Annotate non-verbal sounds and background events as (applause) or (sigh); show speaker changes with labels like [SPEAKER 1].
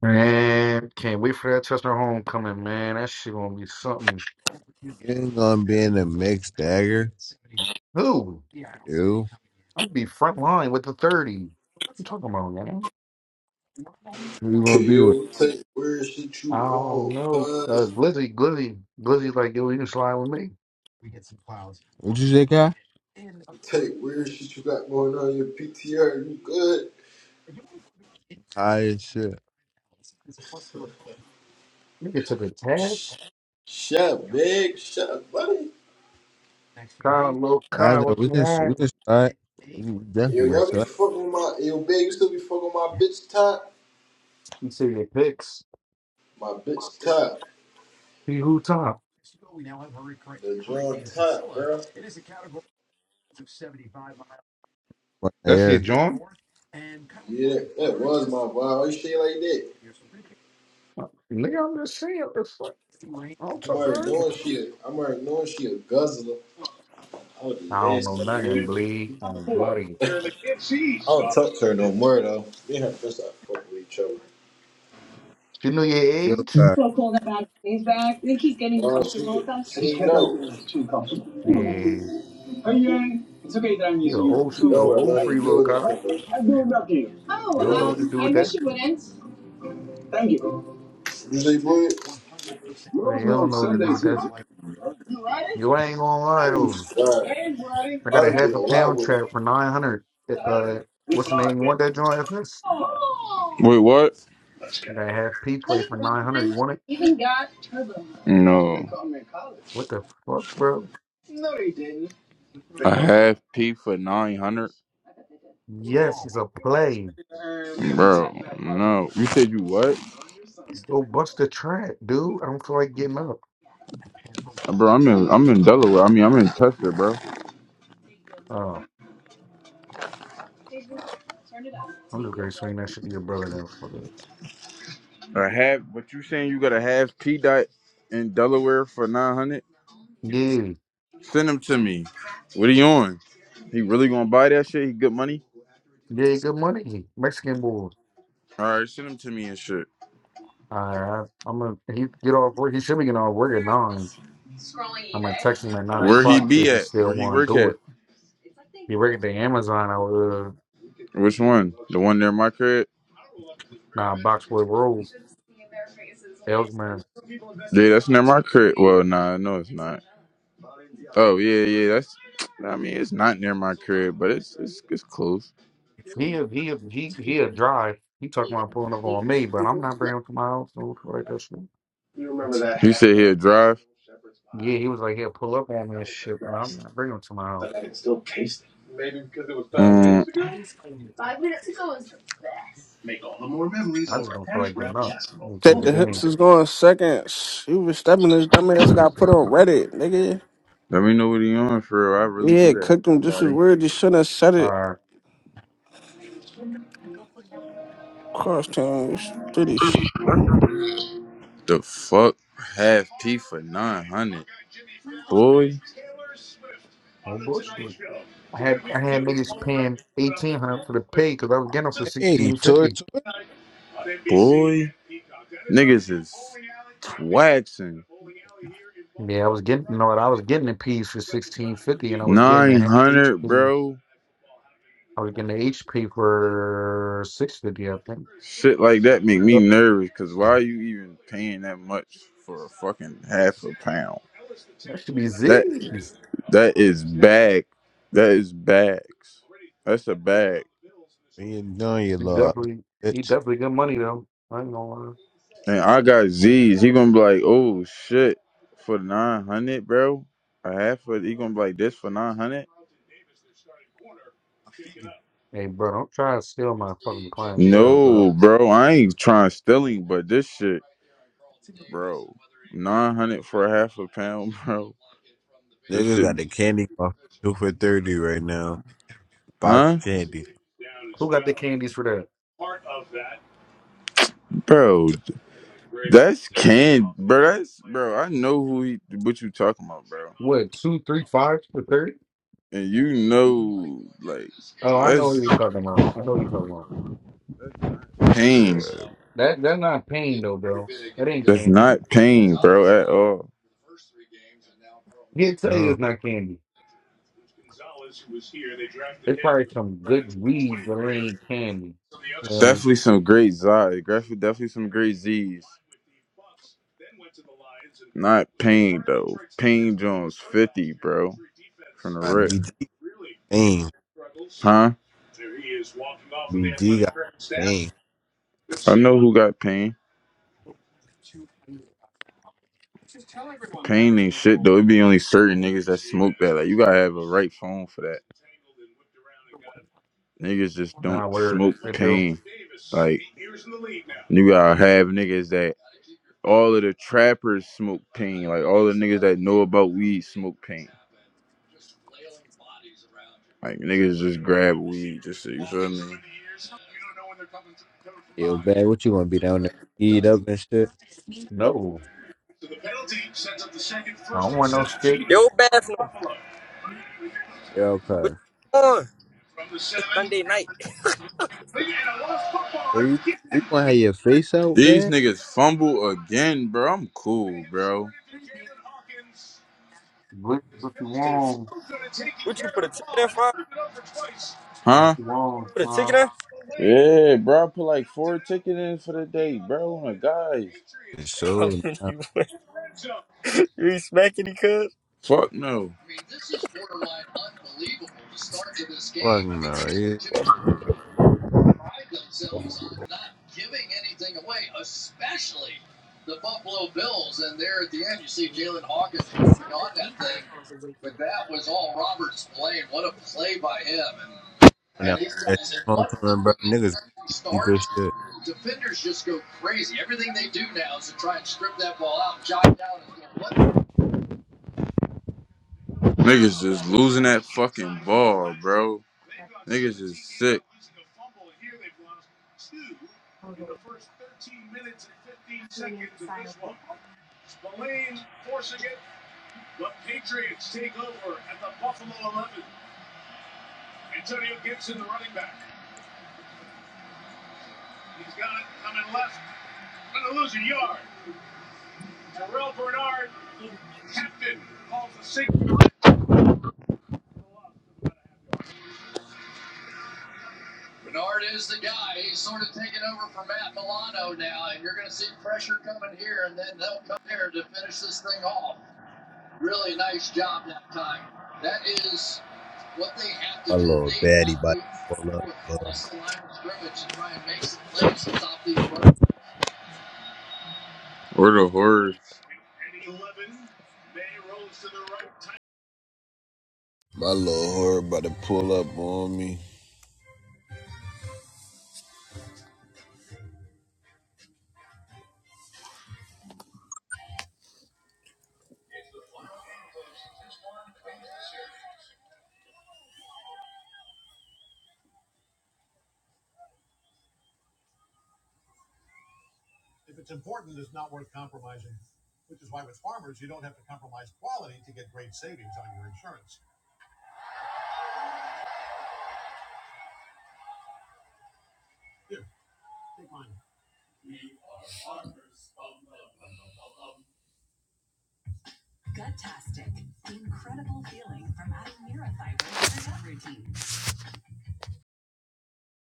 [SPEAKER 1] Man, can't wait for that Chestnut homecoming, man. That shit gonna be something.
[SPEAKER 2] Getting on being a mixed dagger.
[SPEAKER 1] Who?
[SPEAKER 2] Ew.
[SPEAKER 1] I'm gonna be front line with the 30. What you talking about, man?
[SPEAKER 2] Who you gonna be with?
[SPEAKER 3] KO, take weird shit
[SPEAKER 1] I
[SPEAKER 3] you on,
[SPEAKER 1] don't know. Uh,
[SPEAKER 3] cuz.
[SPEAKER 1] Glizzy, Glizzy, Glizzy's like, yo, you can slide with me.
[SPEAKER 2] What you say, guy?
[SPEAKER 3] Take weird shit you got going on your PTR, you good?
[SPEAKER 2] High as shit.
[SPEAKER 1] You get to the tag.
[SPEAKER 3] Shut up, big, shut up, buddy.
[SPEAKER 1] Kyle, low
[SPEAKER 2] I
[SPEAKER 1] Kyle,
[SPEAKER 2] know
[SPEAKER 1] what
[SPEAKER 2] we
[SPEAKER 1] you
[SPEAKER 2] can we
[SPEAKER 1] want?
[SPEAKER 2] can start. We can
[SPEAKER 3] Yo,
[SPEAKER 2] definitely can
[SPEAKER 3] y'all be
[SPEAKER 2] start
[SPEAKER 3] fucking with my, yo, big, you still be fucking with my bitch top?
[SPEAKER 1] You see your picks.
[SPEAKER 3] My bitch top.
[SPEAKER 1] See who top.
[SPEAKER 3] The John top, bro.
[SPEAKER 2] right
[SPEAKER 1] That's your
[SPEAKER 2] there.
[SPEAKER 1] John?
[SPEAKER 3] Yeah, that was my vibe. Why you say it like that?
[SPEAKER 1] Uh, Nigga, I'm just saying. It's like, I don't
[SPEAKER 3] I'm
[SPEAKER 1] talk
[SPEAKER 3] already
[SPEAKER 1] early.
[SPEAKER 3] knowing she a, I'm already knowing she a guzzler. I was
[SPEAKER 1] I don't
[SPEAKER 3] just
[SPEAKER 1] know
[SPEAKER 3] asking, you
[SPEAKER 1] nothing,
[SPEAKER 3] hear me?
[SPEAKER 1] bleed and bloody.
[SPEAKER 3] I don't talk to her no more, though. Me and her just I fuck with each other.
[SPEAKER 1] You know your
[SPEAKER 2] Yo,
[SPEAKER 1] age?
[SPEAKER 2] uh,
[SPEAKER 3] No, she, she know.
[SPEAKER 1] Yeah. You're an old, you're an
[SPEAKER 3] Don't got
[SPEAKER 1] old free
[SPEAKER 3] nothing to do
[SPEAKER 1] little
[SPEAKER 3] with
[SPEAKER 1] cop.
[SPEAKER 3] nothing,
[SPEAKER 1] You
[SPEAKER 3] bro.
[SPEAKER 1] don't know
[SPEAKER 3] Bro,
[SPEAKER 1] what to do with that.
[SPEAKER 3] You say, boy,
[SPEAKER 1] Hey, You don't know what to do with that. You ain't gonna lie
[SPEAKER 3] you
[SPEAKER 1] to me.
[SPEAKER 3] God, I
[SPEAKER 1] I got a
[SPEAKER 3] already did
[SPEAKER 1] half
[SPEAKER 3] a
[SPEAKER 1] a
[SPEAKER 3] lot
[SPEAKER 1] pound
[SPEAKER 3] with it.
[SPEAKER 1] trap for 900. Uh, what's the name? You want that joint, FS?
[SPEAKER 4] Wait, what?
[SPEAKER 1] I got a half peach play for 900. You want it?
[SPEAKER 4] No.
[SPEAKER 1] What the fuck, bro?
[SPEAKER 4] A half P for 900?
[SPEAKER 1] Yes, it's a play.
[SPEAKER 4] Bro, no. You said you what?
[SPEAKER 1] Go bust the trap, dude. I don't feel like getting up.
[SPEAKER 4] Bro, I'm in I'm in Delaware. I mean, I'm in Chester, bro.
[SPEAKER 1] Oh, I'm just gonna swing that shit to your brother then. Fuck it.
[SPEAKER 4] A half, but you saying you got a half P dot in Delaware for 900?
[SPEAKER 1] Yeah,
[SPEAKER 4] Send him to me. What he on? He really gonna buy that shit? He good money?
[SPEAKER 1] yeah, good money. Mexican boy.
[SPEAKER 4] All right, send him to me and shit.
[SPEAKER 1] All right, I'm gonna he get off work. He should be getting off work at nine. I'm gonna text him at nine
[SPEAKER 4] Where he
[SPEAKER 1] o'clock see
[SPEAKER 4] be
[SPEAKER 1] if he
[SPEAKER 4] at?
[SPEAKER 1] still
[SPEAKER 4] Where he
[SPEAKER 1] want to
[SPEAKER 4] work
[SPEAKER 1] do it.
[SPEAKER 4] at?
[SPEAKER 1] He work at the Amazon out uh
[SPEAKER 4] Which one? The one near my crib?
[SPEAKER 1] nah, Boxwood Road, Ellsman.
[SPEAKER 4] Yeah, that's near my crib. Well, nah, no, it's not. Oh yeah, yeah. That's. I mean, it's not near my crib, but it's it's it's close.
[SPEAKER 1] He he he he a drive. He talking about pulling up on me, but I'm not bringing him to my house. So it's like that shit.
[SPEAKER 4] You remember that? You sit here drive.
[SPEAKER 1] Yeah, he was like he'll pull up on me and shit, but I'm not bringing him to my house.
[SPEAKER 4] Maybe because it was five Um, minutes ago.
[SPEAKER 1] I just don't feel like getting up. I'm gonna keep
[SPEAKER 5] Said
[SPEAKER 1] the
[SPEAKER 5] the
[SPEAKER 1] bean.
[SPEAKER 5] hips is going seconds. You was stepping this dumbass got put on Reddit, nigga.
[SPEAKER 4] Let me know what he on for. real. I really do
[SPEAKER 5] Yeah,
[SPEAKER 4] that.
[SPEAKER 5] cooked
[SPEAKER 4] I
[SPEAKER 5] them. This
[SPEAKER 4] got
[SPEAKER 5] was
[SPEAKER 4] him.
[SPEAKER 5] weird. You shouldn't have said
[SPEAKER 1] All
[SPEAKER 5] it.
[SPEAKER 1] right,
[SPEAKER 5] Cross town.
[SPEAKER 4] The fuck, half P for nine hundred, boy,
[SPEAKER 1] no bullshit. I had I had niggas paying eighteen hundred for the pay because I was getting them for
[SPEAKER 2] hey,
[SPEAKER 1] sixteen
[SPEAKER 2] tour
[SPEAKER 1] fifty.
[SPEAKER 2] tour.
[SPEAKER 4] boy. Niggas is twaxing.
[SPEAKER 1] Yeah, I was getting you know what I was getting a piece for sixteen fifty, and I was getting
[SPEAKER 4] Nine
[SPEAKER 1] a
[SPEAKER 4] hundred,
[SPEAKER 1] that.
[SPEAKER 4] bro.
[SPEAKER 1] I was getting the HP for six fifty. I think
[SPEAKER 4] Shit like that make me nervous. Cause why are you even paying that much for a fucking half a pound?
[SPEAKER 1] that should be
[SPEAKER 4] That
[SPEAKER 1] Z's.
[SPEAKER 4] that is bag. That is bags. That's a bag.
[SPEAKER 2] You doing your
[SPEAKER 1] He
[SPEAKER 2] love,
[SPEAKER 1] definitely, he
[SPEAKER 2] bitch?
[SPEAKER 1] definitely good money though. I ain't gonna lie.
[SPEAKER 4] And I got Z's. He gonna be like, oh shit, for nine hundred, bro. A half of he gonna be like this for nine hundred.
[SPEAKER 1] Hey, bro, don't try to steal my fucking clientele, bro.
[SPEAKER 4] No, bro, I ain't trying to steal him, but this shit, bro, nine hundred for a half a pound, (laughs) bro. This
[SPEAKER 2] Niggas
[SPEAKER 4] shit,
[SPEAKER 2] got the candy bar two for thirty right now. Box
[SPEAKER 4] huh,
[SPEAKER 2] candy.
[SPEAKER 1] Who got the candies for that?
[SPEAKER 4] bro? That's canned, bro. That's bro. I know who he, what you talking about, bro.
[SPEAKER 1] What two, three, five for thirty?
[SPEAKER 4] And you know, like
[SPEAKER 1] Oh, I know who
[SPEAKER 4] that's
[SPEAKER 1] you're talking about. I know who you're talking about.
[SPEAKER 4] pain.
[SPEAKER 1] That that's not pain though, bro. That ain't
[SPEAKER 4] That's
[SPEAKER 1] candy.
[SPEAKER 4] not pain, bro, at all.
[SPEAKER 1] He'll tell you
[SPEAKER 2] No,
[SPEAKER 1] it's not candy. It's probably some good weed, but it ain't candy. Um,
[SPEAKER 4] Definitely some great Zs. Definitely some great Z's. Not Payne though. Payne Jones fifty, bro. From the
[SPEAKER 2] I
[SPEAKER 4] rip.
[SPEAKER 2] BG pain.
[SPEAKER 4] Huh?
[SPEAKER 2] BG got pain.
[SPEAKER 4] I know who got pain. Pain ain't shit though. It be only certain niggas that smoke that. Like you gotta have a right phone for that. Niggas just don't
[SPEAKER 1] nah, where?
[SPEAKER 4] smoke
[SPEAKER 1] It do.
[SPEAKER 4] pain. Like you gotta have niggas that all of the trappers smoke pain. Like all the niggas that know about weed smoke pain. Like niggas just grab weed just so you feel me.
[SPEAKER 2] Yo, bad. What you gonna be down there? Eat up and shit.
[SPEAKER 1] No, I don't want no shit.
[SPEAKER 6] Yo, bathroom.
[SPEAKER 2] Yo, cuz.
[SPEAKER 6] What you on? It's Sunday night.
[SPEAKER 2] Or you, you gonna have your face out,
[SPEAKER 4] These
[SPEAKER 2] man?
[SPEAKER 4] niggas fumble again, bro. I'm cool, bro.
[SPEAKER 1] What what you
[SPEAKER 6] Oh, sh-
[SPEAKER 1] want?
[SPEAKER 6] what you put a ticket in for?
[SPEAKER 1] What
[SPEAKER 4] Huh?
[SPEAKER 1] you want,
[SPEAKER 6] Put a
[SPEAKER 1] son?
[SPEAKER 6] ticket in?
[SPEAKER 4] Yeah, bro. I put like four tickets in for the day, bro. Oh My guys.
[SPEAKER 6] (laughs) How
[SPEAKER 2] So
[SPEAKER 6] many
[SPEAKER 2] nah,
[SPEAKER 6] you win? You ain't smacking me, cuz?
[SPEAKER 4] Fuck no.
[SPEAKER 2] fuck no. Yeah. When that that homecoming, bro, niggas be deep as shit.
[SPEAKER 4] Niggas just losing that fucking ball, bro. Niggas is sick.
[SPEAKER 2] My little baddie about to pull up, bro.
[SPEAKER 4] We're the horse?
[SPEAKER 2] My little whore about to pull up on me.